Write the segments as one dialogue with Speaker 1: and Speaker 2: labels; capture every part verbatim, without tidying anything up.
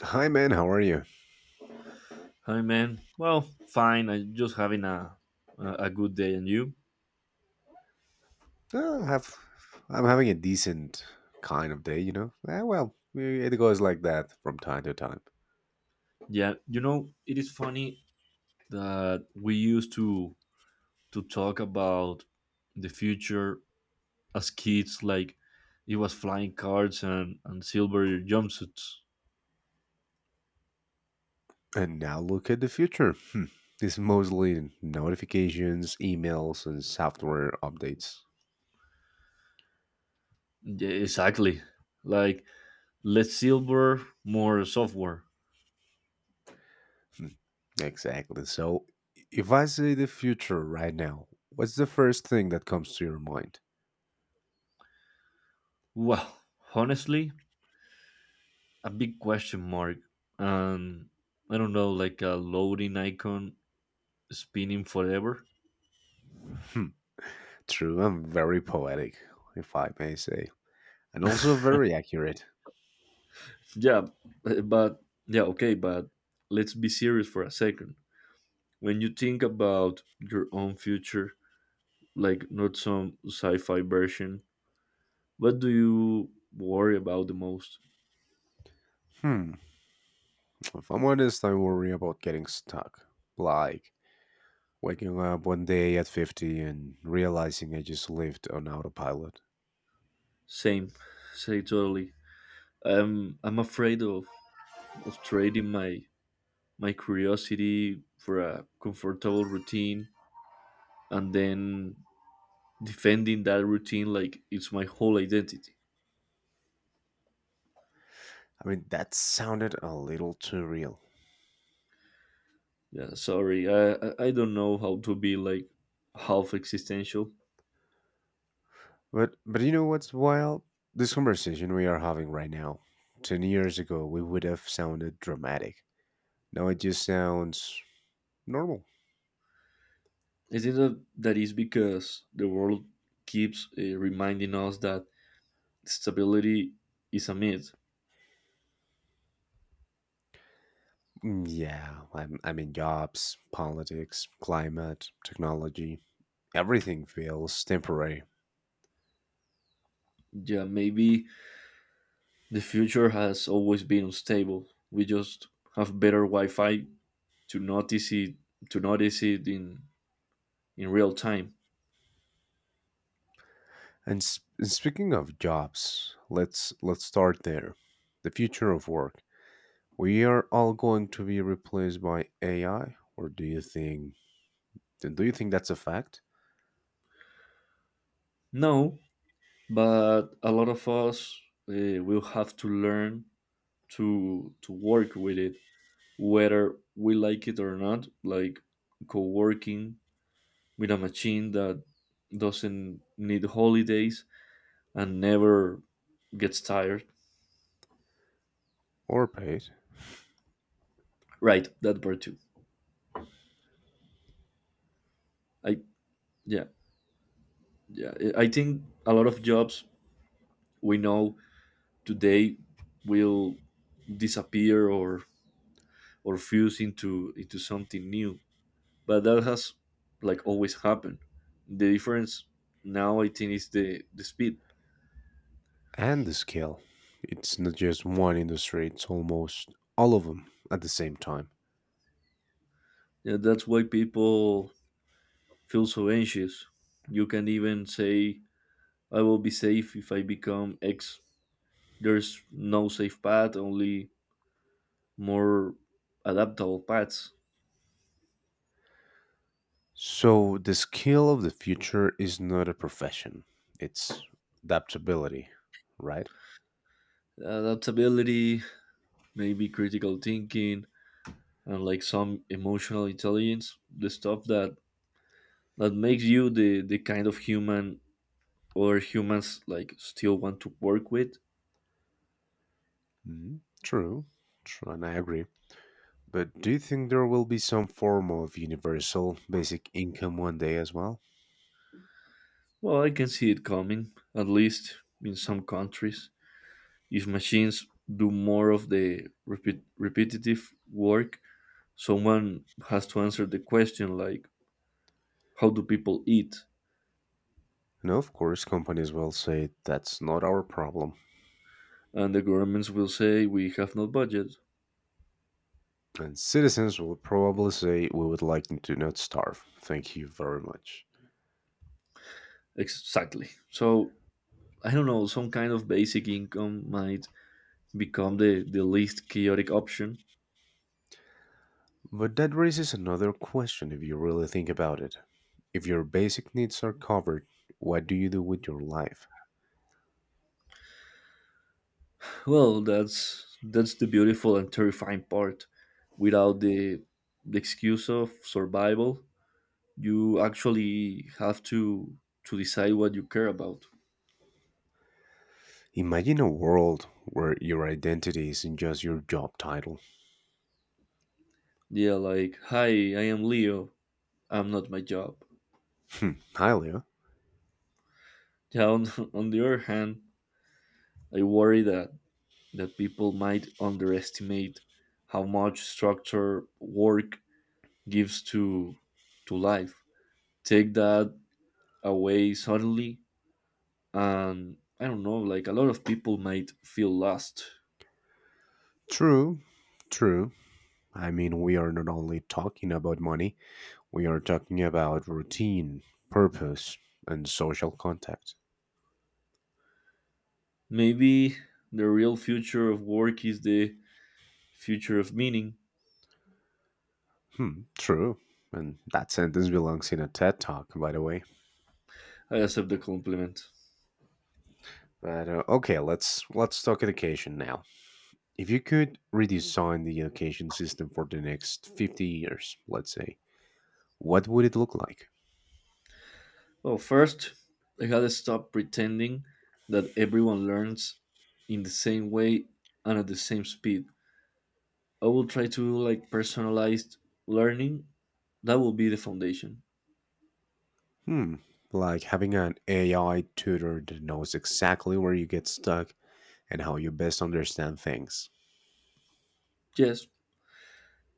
Speaker 1: Hi, man. How are you?
Speaker 2: Hi, man. Well, fine. I'm just having a a a good day, and you?
Speaker 1: Uh, have I'm having a decent kind of day, you know. Eh, well, we- it goes like that from time to time.
Speaker 2: Yeah, you know, it is funny that we used to to talk about the future as kids, like it was flying cars and and silver jumpsuits.
Speaker 1: And now look at the future. Hmm. It's mostly notifications, emails, and software updates.
Speaker 2: Yeah, exactly. Like less silver, more software.
Speaker 1: Hmm. Exactly. So, if I say the future right now, what's the first thing that comes to your mind?
Speaker 2: Well, honestly, a big question mark. Um, I don't know, like a loading icon spinning forever.
Speaker 1: Hmm. True, I'm very poetic, if I may say, and also very accurate.
Speaker 2: Yeah, eh, but yeah, okay, but let's be serious for a second. When you think about your own future, like not some sci-fi version, what do you worry about the most?
Speaker 1: Hmm. If I'm honest, I worry about getting stuck. Like waking up one day at fifty and realizing I just lived on autopilot.
Speaker 2: Same, say totally. I'm I'm afraid of of trading my my curiosity for a comfortable routine and then defending that routine like it's my whole identity.
Speaker 1: I mean, that sounded a little too real.
Speaker 2: Yeah, sorry. I I I don't know how to be like half existential.
Speaker 1: But but you know what's wild? This conversation we are having right now. ten years ago, we would have sounded dramatic. Now it just sounds normal.
Speaker 2: Is it that that is because the world keeps uh, reminding us that stability is a myth?
Speaker 1: Mm, yeah, I'm, I mean, jobs, politics, climate, technology, everything feels temporary.
Speaker 2: Yeah, maybe the future has always been unstable. We just have better Wi-Fi to notice it to notice it in in real time.
Speaker 1: And, s- and speaking of jobs, let's let's start there. The future of work. We are all going to be replaced by A I, or do you think do you think that's a fact
Speaker 2: No, but a lot of us uh, will have to learn to to work with it whether we like it or not, like co-working with a machine that doesn't need holidays and never gets tired,
Speaker 1: or paid?
Speaker 2: right, that part too. I yeah yeah i i think a lot of jobs we know today will disappear or or fuse into into something new, but that has like always happened. The difference now, I think, is the the speed.
Speaker 1: And the scale. It's not just one industry, it's almost all of them at the same time.
Speaker 2: Yeah, that's why people feel so anxious. You can even say, I will be safe if I become X. There's no safe path, only more adaptable paths.
Speaker 1: So the skill of the future is not a profession. It's adaptability, right?
Speaker 2: Adaptability, maybe critical thinking, and like some emotional intelligence, the stuff that, that makes you the, the kind of human or humans like still want to work with.
Speaker 1: Mhm. True. True, and I agree. But do you think there will be some form of universal basic income one day as well?
Speaker 2: Well, I can see it coming, at least in some countries. If machines do more of the repeat, repetitive work, someone has to answer the question like, how do people eat?
Speaker 1: No, of course, companies will say that's not our problem.
Speaker 2: And the governments will say, we have no budget.
Speaker 1: And citizens will probably say we would like them to not starve. Thank you very much.
Speaker 2: Exactly. So I don't know, some kind of basic income might become the, the least chaotic option.
Speaker 1: But that raises another question if you really think about it. If your basic needs are covered, what do you do with your life?
Speaker 2: Well, that's that's the beautiful and terrifying part. Without the the excuse of survival, you actually have to to decide what you care about.
Speaker 1: Imagine a world where your identity isn't just your job title.
Speaker 2: Yeah, like, hi, I am Leo. I'm not my job.
Speaker 1: Hmm, hi, Leo.
Speaker 2: Yeah, on on the other hand, I worry that, that people might underestimate how much structure work gives to to life. Take that away suddenly, and I don't know, like a lot of people might feel lost.
Speaker 1: True, true. I mean, we are not only talking about money, we are talking about routine, purpose, and social contact.
Speaker 2: Maybe the real future of work is the future of meaning.
Speaker 1: Hmm, true. And that sentence belongs in a TED talk, by the way.
Speaker 2: I accept the compliment.
Speaker 1: But uh, okay, let's let's talk education now. If you could redesign the education system for the next fifty years, let's say, what would it look like?
Speaker 2: Well, first, I had to stop pretending that everyone learns in the same way and at the same speed. I will try to do like personalized learning. That will be the foundation.
Speaker 1: Hmm, like having an A I tutor that knows exactly where you get stuck and how you best understand things.
Speaker 2: Yes,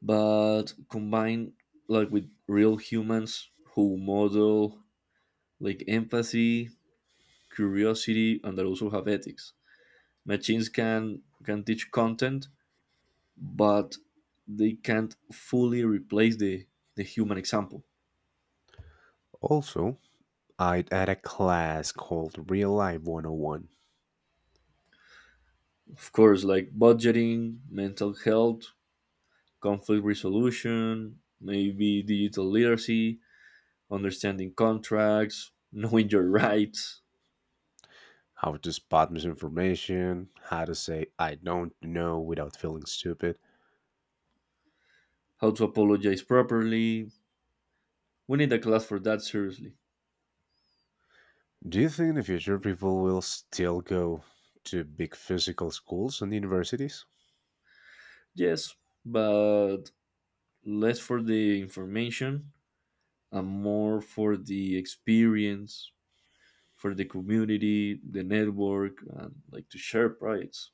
Speaker 2: but combine like with real humans who model like empathy, curiosity, and that also have ethics. Machines can can teach content, but they can't fully replace the the human example.
Speaker 1: Also, I had a class called Real Life one oh one.
Speaker 2: Of course, like budgeting, mental health, conflict resolution, maybe digital literacy, understanding contracts, knowing your rights,
Speaker 1: How to spot misinformation, how to say I don't know without feeling stupid.
Speaker 2: how to apologize properly. We need a class for that, seriously.
Speaker 1: Do you think in the future people will still go to big physical schools and universities?
Speaker 2: Yes, but less for the information and more for the experience, for the community, the network, and like to share projects.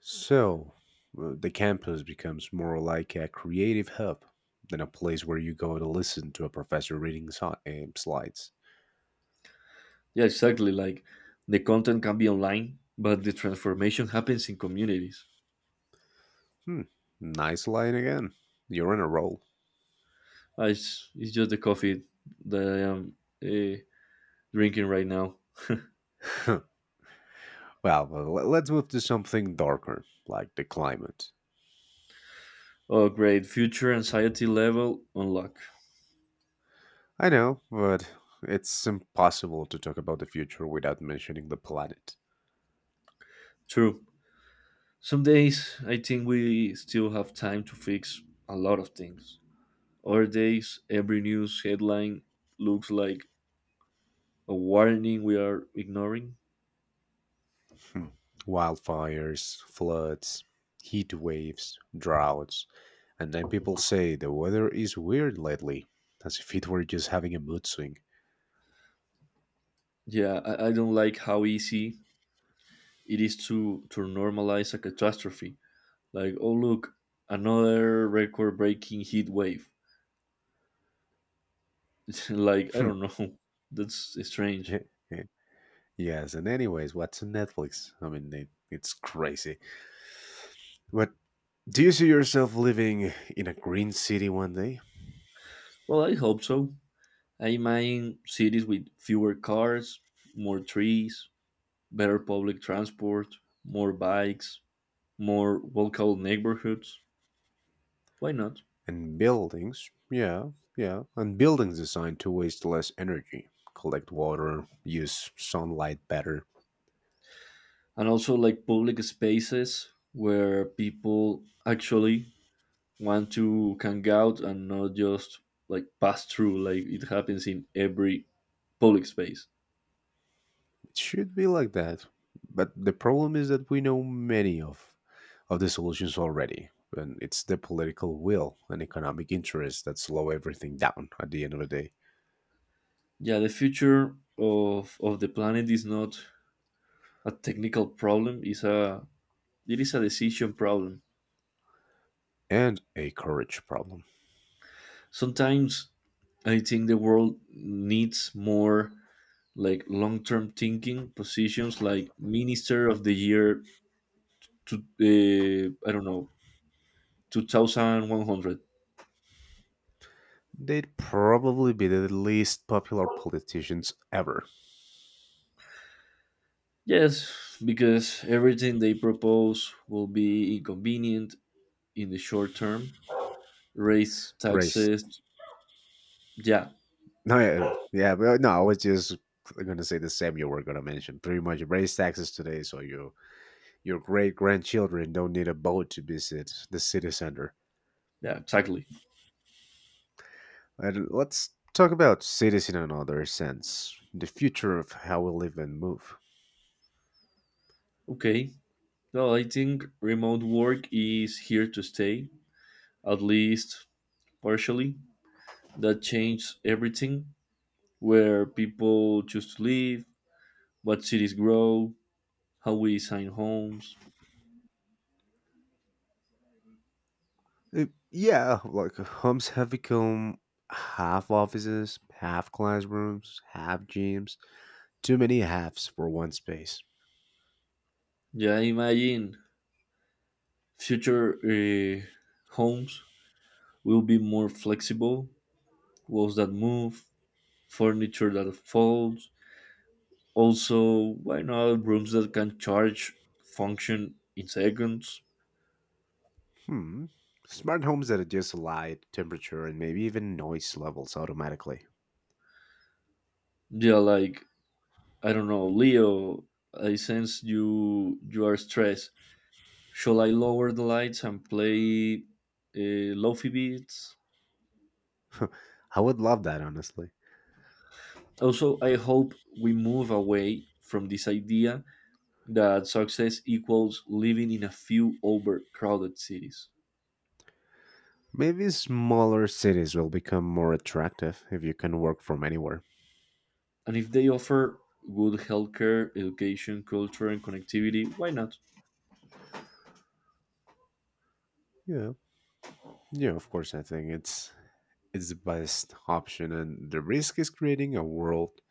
Speaker 1: So, uh, the campus becomes more like a creative hub than a place where you go to listen to a professor reading si- um, slides.
Speaker 2: Yeah, exactly. Like the content can be online, but the transformation happens in communities.
Speaker 1: Hmm, nice line again. You're on a roll.
Speaker 2: Uh, It's, it's just the coffee that I am uh, drinking right now.
Speaker 1: Well, well, let's move to something darker, like the climate.
Speaker 2: Oh, great. Future anxiety level unlock.
Speaker 1: I know, but it's impossible to talk about the future without mentioning the planet.
Speaker 2: True. Some days I think we still have time to fix a lot of things. Other days, every news headline looks like a warning we are ignoring.
Speaker 1: Hmm. Wildfires, floods, heat waves, droughts, and then people say the weather is weird lately, as if it were just having a mood swing.
Speaker 2: Yeah, I, I don't like how easy it is to, to normalize a catastrophe. Like, oh look, another record-breaking heat wave. Like, I
Speaker 1: Hmm.
Speaker 2: don't know. That's strange.
Speaker 1: Eh, eh. yes, and anyways, what's on Netflix? I mean, it, it's crazy. But do you see yourself living in a green city one day?
Speaker 2: Well, I hope so. I imagine cities with fewer cars, more trees, better public transport, more bikes, more walkable neighborhoods. Why not?
Speaker 1: And buildings, yeah, yeah, and buildings designed to waste less energy, collect water, use sunlight better.
Speaker 2: And also like public spaces where people actually want to hang out and not just like pass through like it happens in every public space.
Speaker 1: It should be like that. But the problem is that we know many of, of the solutions already. And it's the political will and economic interests that slow everything down at the end of the day.
Speaker 2: Yeah, the future of of the planet is not a technical problem, it's a, it is a decision problem.
Speaker 1: And a courage problem.
Speaker 2: Sometimes I think the world needs more like long-term thinking positions like minister of the year to, uh, I don't know, two thousand one hundred.
Speaker 1: They'd probably be the least popular politicians ever,
Speaker 2: Yes, because everything they propose will be inconvenient in the short term, raise
Speaker 1: race.
Speaker 2: taxes. Yeah,
Speaker 1: No, yeah, yeah, but uh, no, I was just gonna say the same you were gonna mention. Pretty much raise taxes today, so your your great grandchildren don't need a boat to visit the city center.
Speaker 2: yeah, exactly.
Speaker 1: And let's talk about cities in another sense, the future of how we live and move.
Speaker 2: Okay. No, I think remote work is here to stay, at least partially. That changed everything, where people choose to live, what cities grow, how we design homes.
Speaker 1: Uh, yeah, like homes have become half offices, half classrooms, half gyms. Too many halves for one space.
Speaker 2: Yeah, I imagine future uh, homes will be more flexible, walls that move, furniture that folds. Also, why not rooms that can charge function in seconds?
Speaker 1: Hmm. Smart homes that adjust light, temperature, and maybe even noise levels automatically.
Speaker 2: Yeah, like I don't know, Leo, I sense you you are stressed. Shall I lower the lights and play uh, lofi beats?
Speaker 1: I would love that, honestly.
Speaker 2: Also, I hope we move away from this idea that success equals living in a few overcrowded cities.
Speaker 1: Maybe smaller cities will become more attractive if you can work from anywhere.
Speaker 2: And if they offer good healthcare, education, culture, and connectivity, why not?
Speaker 1: Yeah. Yeah, of course I think it's it's the best option, and the risk is creating a world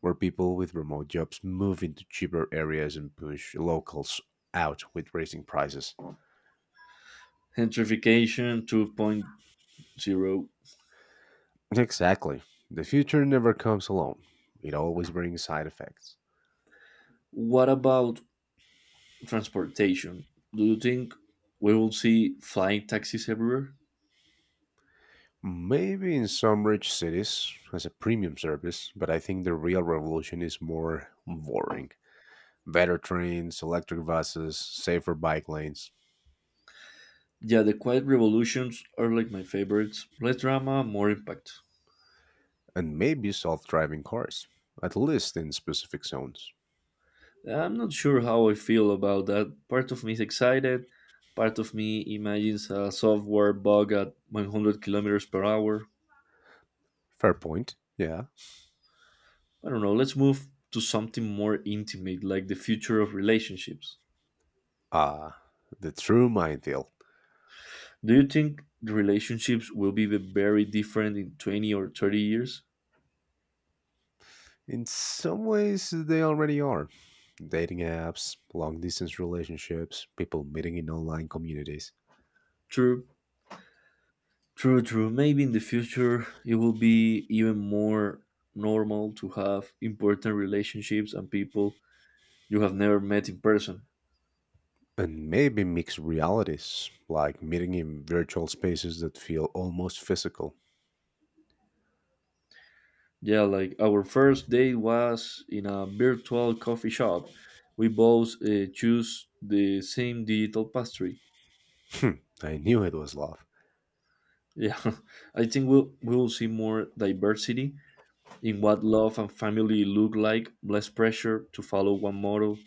Speaker 1: where people with remote jobs move into cheaper areas and push locals out with raising prices.
Speaker 2: Gentrification 2.0.
Speaker 1: Exactly. The future never comes alone. It always brings side effects.
Speaker 2: What about transportation, do you think we will see flying taxis everywhere?
Speaker 1: Maybe in some rich cities as a premium service, but I think the real revolution is more boring. Better trains, electric buses, safer bike lanes,
Speaker 2: Yeah, the quiet revolutions are like my favorites. Less drama, more impact.
Speaker 1: and maybe self driving cars, at least in specific zones.
Speaker 2: I'm not sure how I feel about that. Part of me is excited. Part of me imagines a software bug at one hundred kilometers per hour.
Speaker 1: Fair point, yeah.
Speaker 2: I don't know. Let's move to something more intimate, like the future of relationships.
Speaker 1: Ah, the true minefield.
Speaker 2: Do you think the relationships will be very different in twenty or thirty years?
Speaker 1: In some ways, they already are. Dating apps, long distance relationships, people meeting in online communities.
Speaker 2: True. True, true. Maybe in the future it will be even more normal to have important relationships and people you have never met in person.
Speaker 1: And maybe mixed realities, like meeting in virtual spaces that feel almost physical.
Speaker 2: Yeah, like our first date was in a virtual coffee shop. We both uh, choose the same digital pastry.
Speaker 1: Hmm, I knew it was love.
Speaker 2: Yeah, I think we'll, we will see more diversity in what love and family look like, less pressure to follow one model.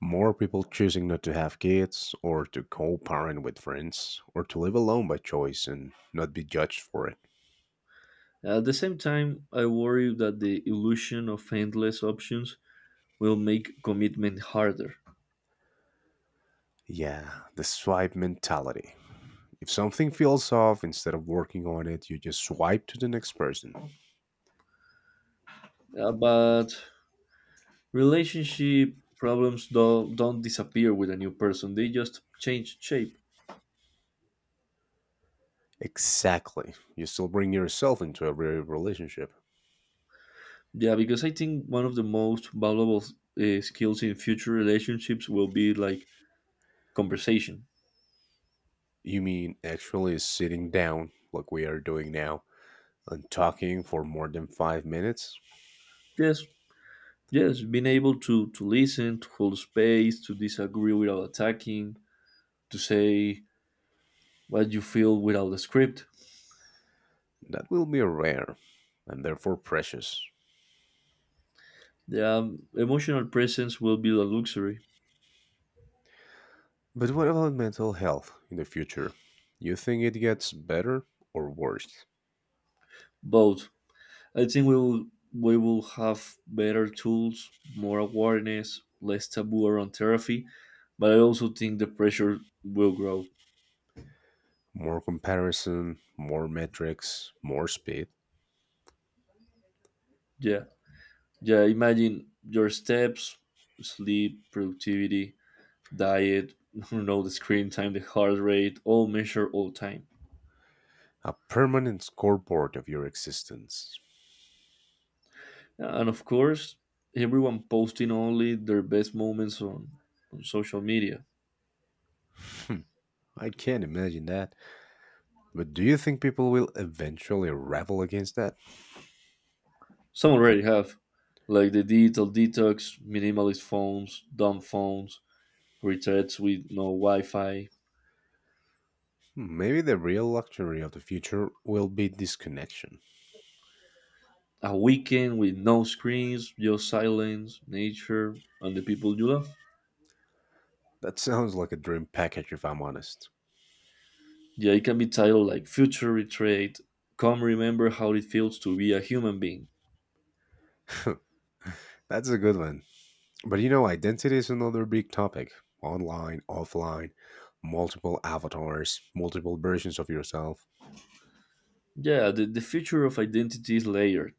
Speaker 1: More people choosing not to have kids, or to co parent with friends, or to live alone by choice and not be judged for it.
Speaker 2: At the same time, I worry that the illusion of endless options will make commitment harder.
Speaker 1: Yeah, the swipe mentality. If something feels off, instead of working on it, you just swipe to the next person.
Speaker 2: Uh, but relationship problems don't, don't disappear with a new person, they just change shape.
Speaker 1: Exactly. You still bring yourself into every relationship.
Speaker 2: Yeah, because I think one of the most valuable uh, skills in future relationships will be like conversation.
Speaker 1: You mean actually sitting down, like we are doing now, and talking for more than five minutes,
Speaker 2: Yes, yes, being able to, to listen, to hold space, to disagree without attacking, to say what you feel without a script.
Speaker 1: that will be rare and therefore precious.
Speaker 2: Yeah, emotional presence will be a luxury.
Speaker 1: But what about mental health in the future? You think it gets better or worse?
Speaker 2: Both. I think we will we will have better tools, more awareness, less taboo around therapy, but I also think the pressure will grow.
Speaker 1: More comparison, more metrics, more speed,
Speaker 2: Yeah. Yeah, imagine your steps, sleep, productivity, diet, you know, the screen time, the heart rate, all measure all time.
Speaker 1: a permanent scoreboard of your existence.
Speaker 2: And of course, everyone posting only their best moments on, on social media.
Speaker 1: Hmm, I can't imagine that. But do you think people will eventually rebel against that?
Speaker 2: Some already have, like the digital detox, minimalist phones, dumb phones, retreats with no Wi-Fi.
Speaker 1: Hmm, maybe the real luxury of the future will be disconnection.
Speaker 2: A weekend with no screens, just silence, nature, and the people you love.
Speaker 1: That sounds like a dream package if I'm honest.
Speaker 2: Yeah, it can be titled like Future Retreat. Come remember how it feels to be a human being.
Speaker 1: That's a good one. But you know, identity is another big topic, online, offline, multiple avatars, multiple versions of yourself.
Speaker 2: Yeah, the, the future of identity is layered.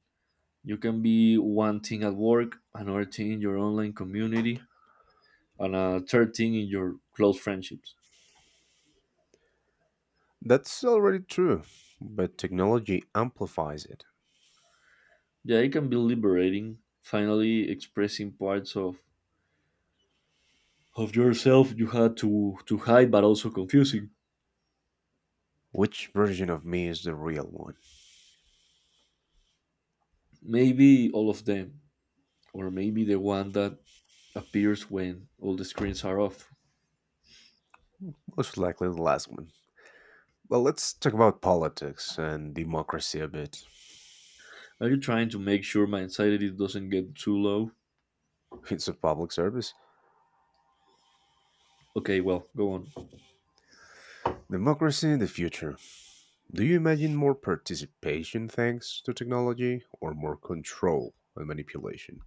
Speaker 2: You can be one thing at work, another thing in your online community, and a third thing in your close friendships.
Speaker 1: That's already true, but technology amplifies it.
Speaker 2: Yeah, it can be liberating, finally expressing parts of, of yourself you had to, to hide, but also confusing.
Speaker 1: Which version of me is the real one?
Speaker 2: Maybe all of them, or maybe the one that appears when all the screens are off.
Speaker 1: Most likely the last one. Well, let's talk about politics and democracy a bit.
Speaker 2: Are you trying to make sure my anxiety doesn't get too low?
Speaker 1: It's a public service.
Speaker 2: Okay, well, go on.
Speaker 1: Democracy in the future. Do you imagine more participation thanks to technology or more control and manipulation?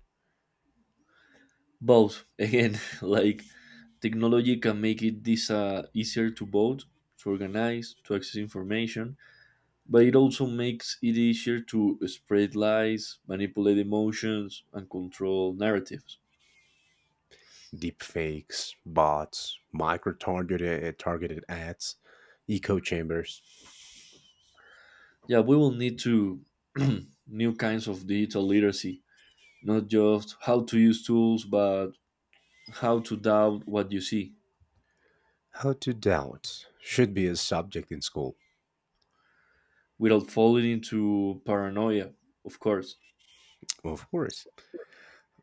Speaker 2: Both. Again, like technology can make it this uh, easier to vote, to organize, to access information, but it also makes it easier to spread lies, manipulate emotions, and control narratives.
Speaker 1: Deep fakes, bots, micro targeted targeted ads, echo chambers.
Speaker 2: Yeah, we will need to new kinds of digital literacy, not just how to use tools, but how to doubt what you see
Speaker 1: How to doubt should be a subject in school,
Speaker 2: without falling into paranoia, of course.
Speaker 1: of course.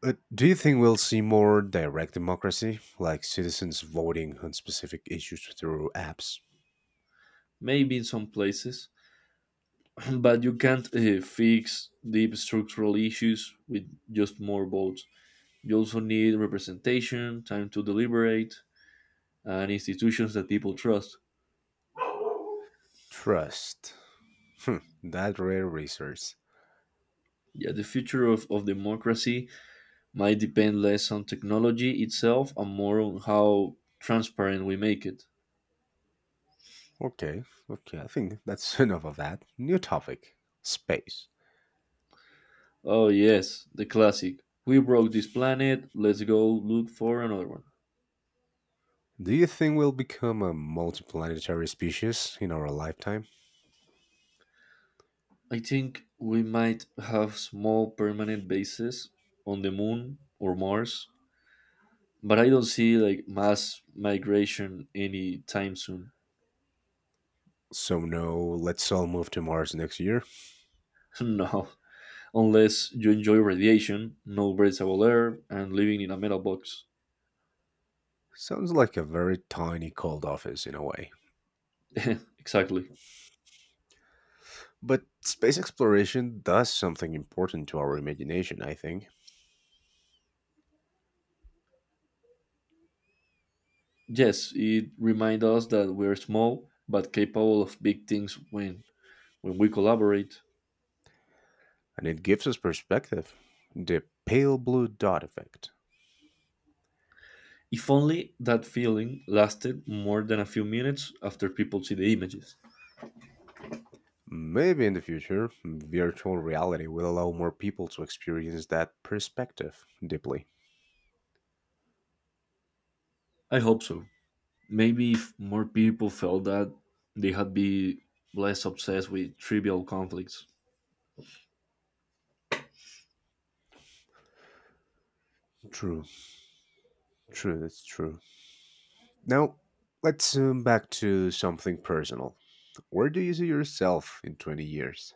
Speaker 1: But do you think we'll see more direct democracy, like citizens voting on specific issues through apps?
Speaker 2: Maybe in some places, but you can't uh, fix deep structural issues with just more votes. You also need representation, time to deliberate, and institutions that people trust.
Speaker 1: Trust. Hmm, that rare resource.
Speaker 2: Yeah, the future of, of democracy might depend less on technology itself and more on how transparent we make it.
Speaker 1: Okay, okay, I think that's enough of that. New topic, space.
Speaker 2: Oh, yes, the classic. We broke this planet, let's go look for another one.
Speaker 1: Do you think we'll become a multiplanetary species in our lifetime?
Speaker 2: I think we might have small permanent bases on the moon or Mars, but I don't see like mass migration anytime soon.
Speaker 1: So, no, let's all move to Mars next year.
Speaker 2: No, unless you enjoy radiation, no breathable air, and living in a metal box.
Speaker 1: Sounds like a very tiny cold office in a way.
Speaker 2: Exactly.
Speaker 1: But space exploration does something important to our imagination, I think,
Speaker 2: Yes, it reminds us that we are small but capable of big things when when we collaborate.
Speaker 1: and it gives us perspective. The pale blue dot effect.
Speaker 2: If only that feeling lasted more than a few minutes after people see the images.
Speaker 1: Maybe in the future, virtual reality will allow more people to experience that perspective deeply.
Speaker 2: I hope so. Maybe if more people felt that, they had be less obsessed with trivial conflicts.
Speaker 1: True, true, that's true. Now, let's zoom back to something personal. Where do you see yourself in twenty years?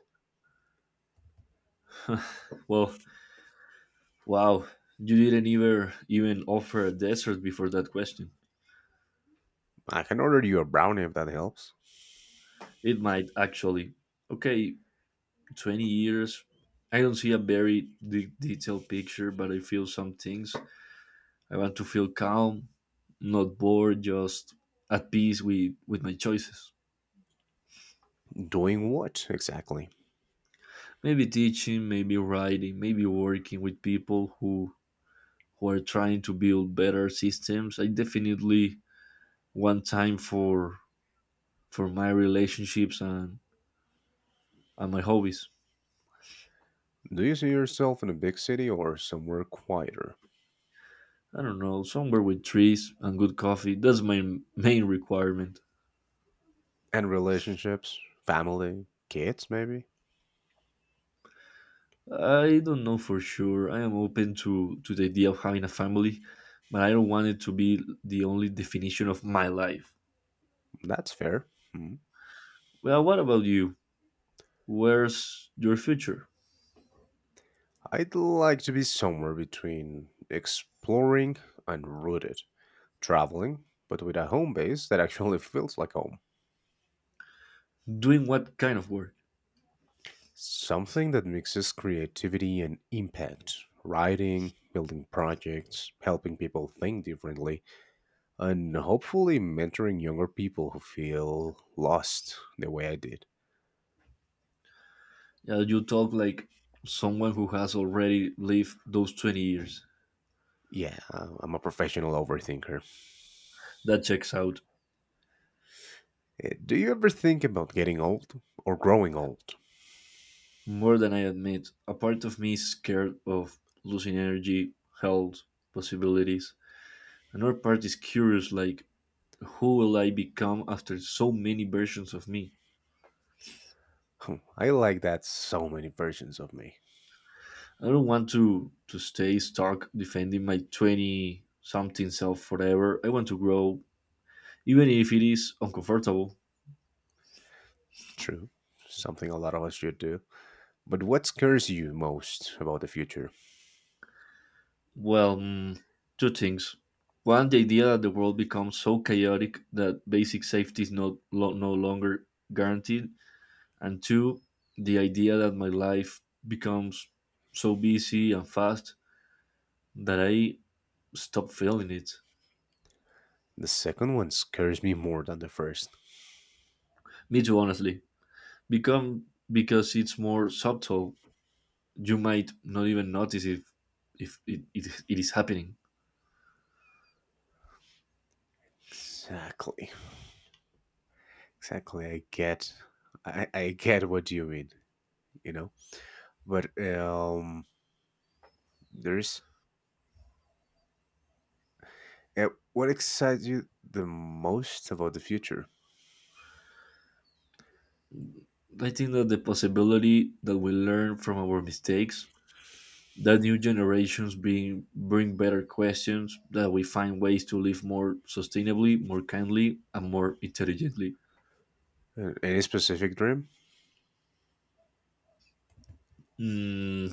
Speaker 2: Well, wow, you didn't even even offer a desert before that question.
Speaker 1: I can order you a brownie if that helps.
Speaker 2: It might actually. Okay, twenty years. I don't see a very de- detailed picture, but I feel some things. I want to feel calm, not bored, just at peace with, with my choices.
Speaker 1: Doing what exactly?
Speaker 2: Maybe teaching, maybe writing, maybe working with people who, who are trying to build better systems. I definitely want time for for my relationships and, and my hobbies.
Speaker 1: Do you see yourself in a big city or somewhere quieter?
Speaker 2: I don't know, somewhere with trees and good coffee. That's my m- main requirement.
Speaker 1: And relationships? Family? Kids, maybe?
Speaker 2: I don't know for sure. I am open to, to the idea of having a family, but I don't want it to be the only definition of my life.
Speaker 1: That's fair. Hmm.
Speaker 2: Well, what about you? Where's your future?
Speaker 1: I'd like to be somewhere between exploring and rooted, traveling, but with a home base that actually feels like home.
Speaker 2: Doing what kind of work?
Speaker 1: Something that mixes creativity and impact, writing, building projects, helping people think differently, and hopefully mentoring younger people who feel lost the way I did.
Speaker 2: Yeah, you talk like someone who has already lived those twenty years.
Speaker 1: Yeah, I- I'm a professional overthinker.
Speaker 2: That checks out.
Speaker 1: Eh, Do you ever think about getting old or growing old?
Speaker 2: More than I admit, a part of me is scared of losing energy, health, possibilities. Another part is curious, like, who will I become after so many versions of me?
Speaker 1: Hmm, I like that, so many versions of me.
Speaker 2: I don't want to, to stay stuck defending my twenty something self forever. I want to grow, even if it is uncomfortable.
Speaker 1: True. Something a lot of us should do. But what scares you most about the future?
Speaker 2: Well, mm, two things. One, the idea that the world becomes so chaotic that basic safety is not lo- no longer guaranteed, and two, the idea that my life becomes so busy and fast that I stop feeling it.
Speaker 1: The second one scares me more than the first.
Speaker 2: Me too, honestly. Become because it's more subtle. You might not even notice if if it, it, it is happening.
Speaker 1: Exactly. Exactly. I get I, I get what you mean, you know? But um there's Yeah, what excites you the most about the future?
Speaker 2: I think that the possibility that we learn from our mistakes, that new generations being bring better questions, that we find ways to live more sustainably, more kindly, and more intelligently.
Speaker 1: Uh, Any specific dream?
Speaker 2: Mm,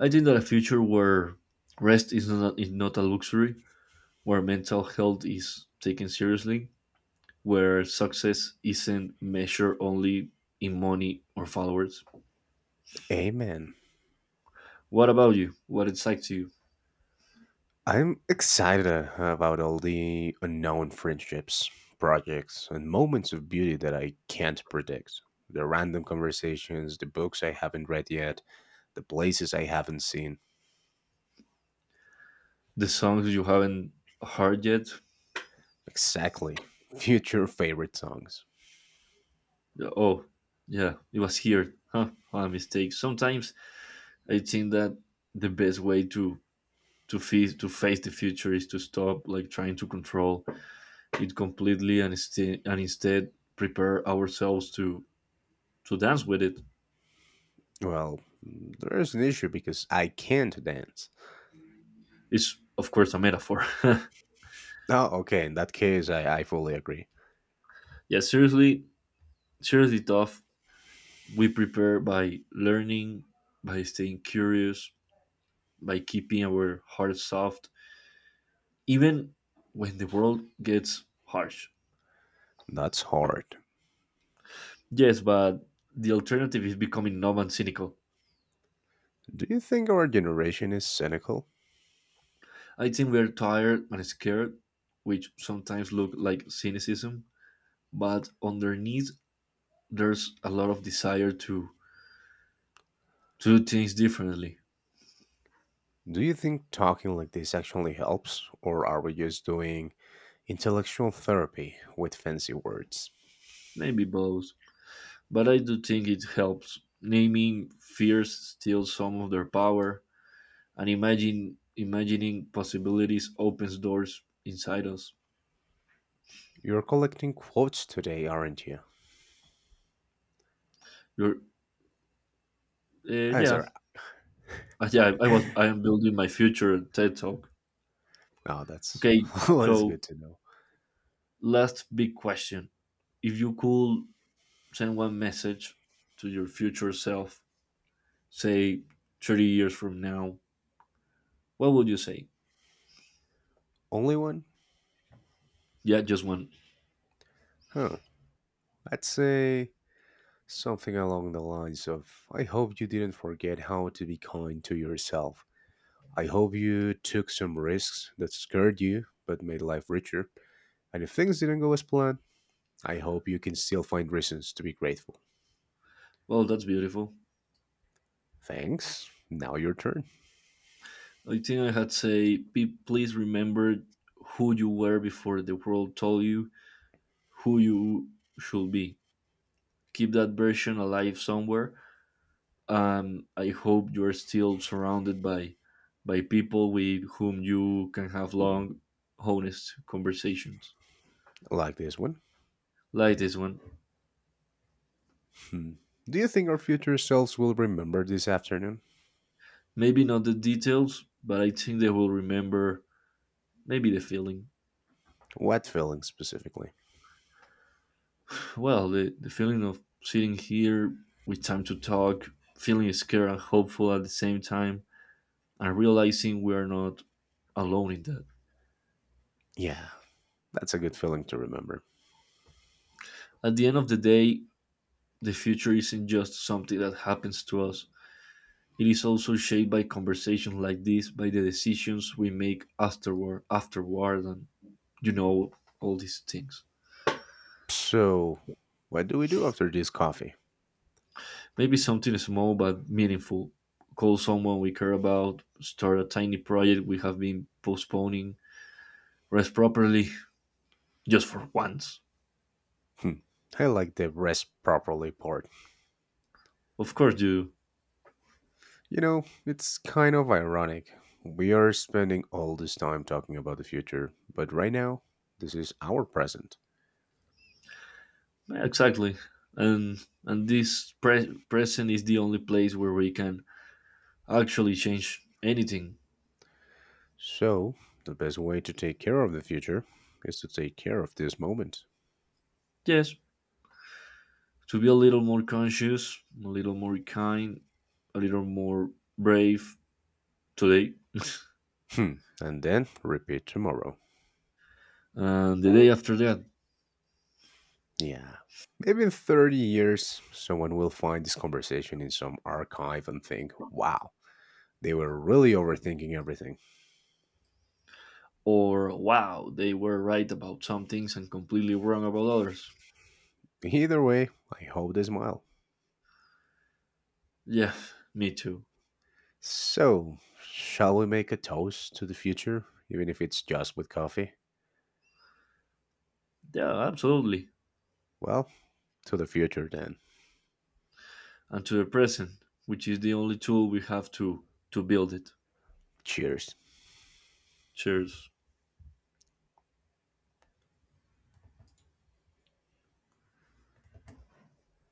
Speaker 2: I think that a future where rest is not, is not a luxury, where mental health is taken seriously, where success isn't measured only in money or followers.
Speaker 1: Amen.
Speaker 2: What about you, what excites you?
Speaker 1: I'm excited uh, about all the unknown friendships, projects, and moments of beauty that I can't predict. The random conversations, the books I haven't read yet, the places I haven't seen.
Speaker 2: The songs you haven't heard yet.
Speaker 1: Exactly. Future favorite songs.
Speaker 2: Oh, yeah, it was here, huh? What a mistake sometimes. I think that the best way to to face to face the future is to stop, like, trying to control it completely, and instead and instead prepare ourselves to to dance with it.
Speaker 1: Well, there's an issue because I can't dance.
Speaker 2: It's of course a metaphor.
Speaker 1: Oh, okay, in that case, I, I fully agree.
Speaker 2: Yeah, seriously, seriously tough. We prepare by learning, by staying curious, by keeping our hearts soft, even when the world gets harsh.
Speaker 1: That's hard.
Speaker 2: Yes, but the alternative is becoming numb and cynical.
Speaker 1: Do you think our generation is cynical?
Speaker 2: I think we're tired and scared, which sometimes look like cynicism, but underneath there's a lot of desire to to do things differently.
Speaker 1: Do you think talking like this actually helps, or are we just doing intellectual therapy with fancy words?
Speaker 2: Maybe both. But I do think it helps. Naming fears steals some of their power, and imagine imagining possibilities opens doors inside us.
Speaker 1: You're collecting quotes today, aren't you?
Speaker 2: You're, uh,
Speaker 1: Ah, is
Speaker 2: yeah.
Speaker 1: there?
Speaker 2: Uh, Yeah, I was I am building my future TED talk.
Speaker 1: Oh, that's
Speaker 2: Okay,
Speaker 1: always
Speaker 2: so
Speaker 1: good to know.
Speaker 2: last big question. If you could send one message to your future self, say thirty years from now, what would you say?
Speaker 1: Only one?
Speaker 2: Yeah, just one.
Speaker 1: Huh. I'd say something along the lines of I hope you didn't forget how to be kind to yourself. I hope you took some risks that scared you but made life richer. And if things didn't go as planned, I hope you can still find reasons to be grateful.
Speaker 2: Well, that's beautiful.
Speaker 1: Thanks. Now your turn.
Speaker 2: I think I had say, please remember who you were before the world told you who you should be. Keep that version alive somewhere. Um, I hope you are still surrounded by by people with whom you can have long, honest conversations.
Speaker 1: Like this one.
Speaker 2: Like this one.
Speaker 1: Hmm. Do you think our future selves will remember this afternoon?
Speaker 2: Maybe not the details, but I think they will remember maybe the feeling.
Speaker 1: What feeling specifically?
Speaker 2: Well, the, the feeling of sitting here with time to talk, feeling scared and hopeful at the same time, and realizing we are not alone in that.
Speaker 1: Yeah, that's a good feeling to remember.
Speaker 2: At the end of the day, the future isn't just something that happens to us. It is also shaped by conversations like this, by the decisions we make afterward, afterward, and you know all these things.
Speaker 1: So, what do we do after this coffee?
Speaker 2: Maybe something small but meaningful. Call someone we care about, start a tiny project we have been postponing, rest properly, just for once.
Speaker 1: Hmm. I like the rest properly part.
Speaker 2: Of course you.
Speaker 1: You know, it's kind of ironic. We are spending all this time talking about the future, but right now, this is our present.
Speaker 2: Exactly. And and this pre- present is the only place where we can actually change anything.
Speaker 1: So, the best way to take care of the future is to take care of this moment.
Speaker 2: Yes, to be a little more conscious, a little more kind, a little more brave today,
Speaker 1: Hmm, and then repeat tomorrow.
Speaker 2: and the day after that.
Speaker 1: Yeah. Maybe in thirty years, someone will find this conversation in some archive and think, wow, they were really overthinking everything.
Speaker 2: Or, wow, they were right about some things and completely wrong about others.
Speaker 1: Either way, I hope they smile.
Speaker 2: Yeah, me too.
Speaker 1: So, shall we make a toast to the future, even if it's just with coffee?
Speaker 2: Yeah, absolutely.
Speaker 1: Well, to the future then.
Speaker 2: And to the present, which is the only tool we have to to build it.
Speaker 1: Cheers.
Speaker 2: Cheers.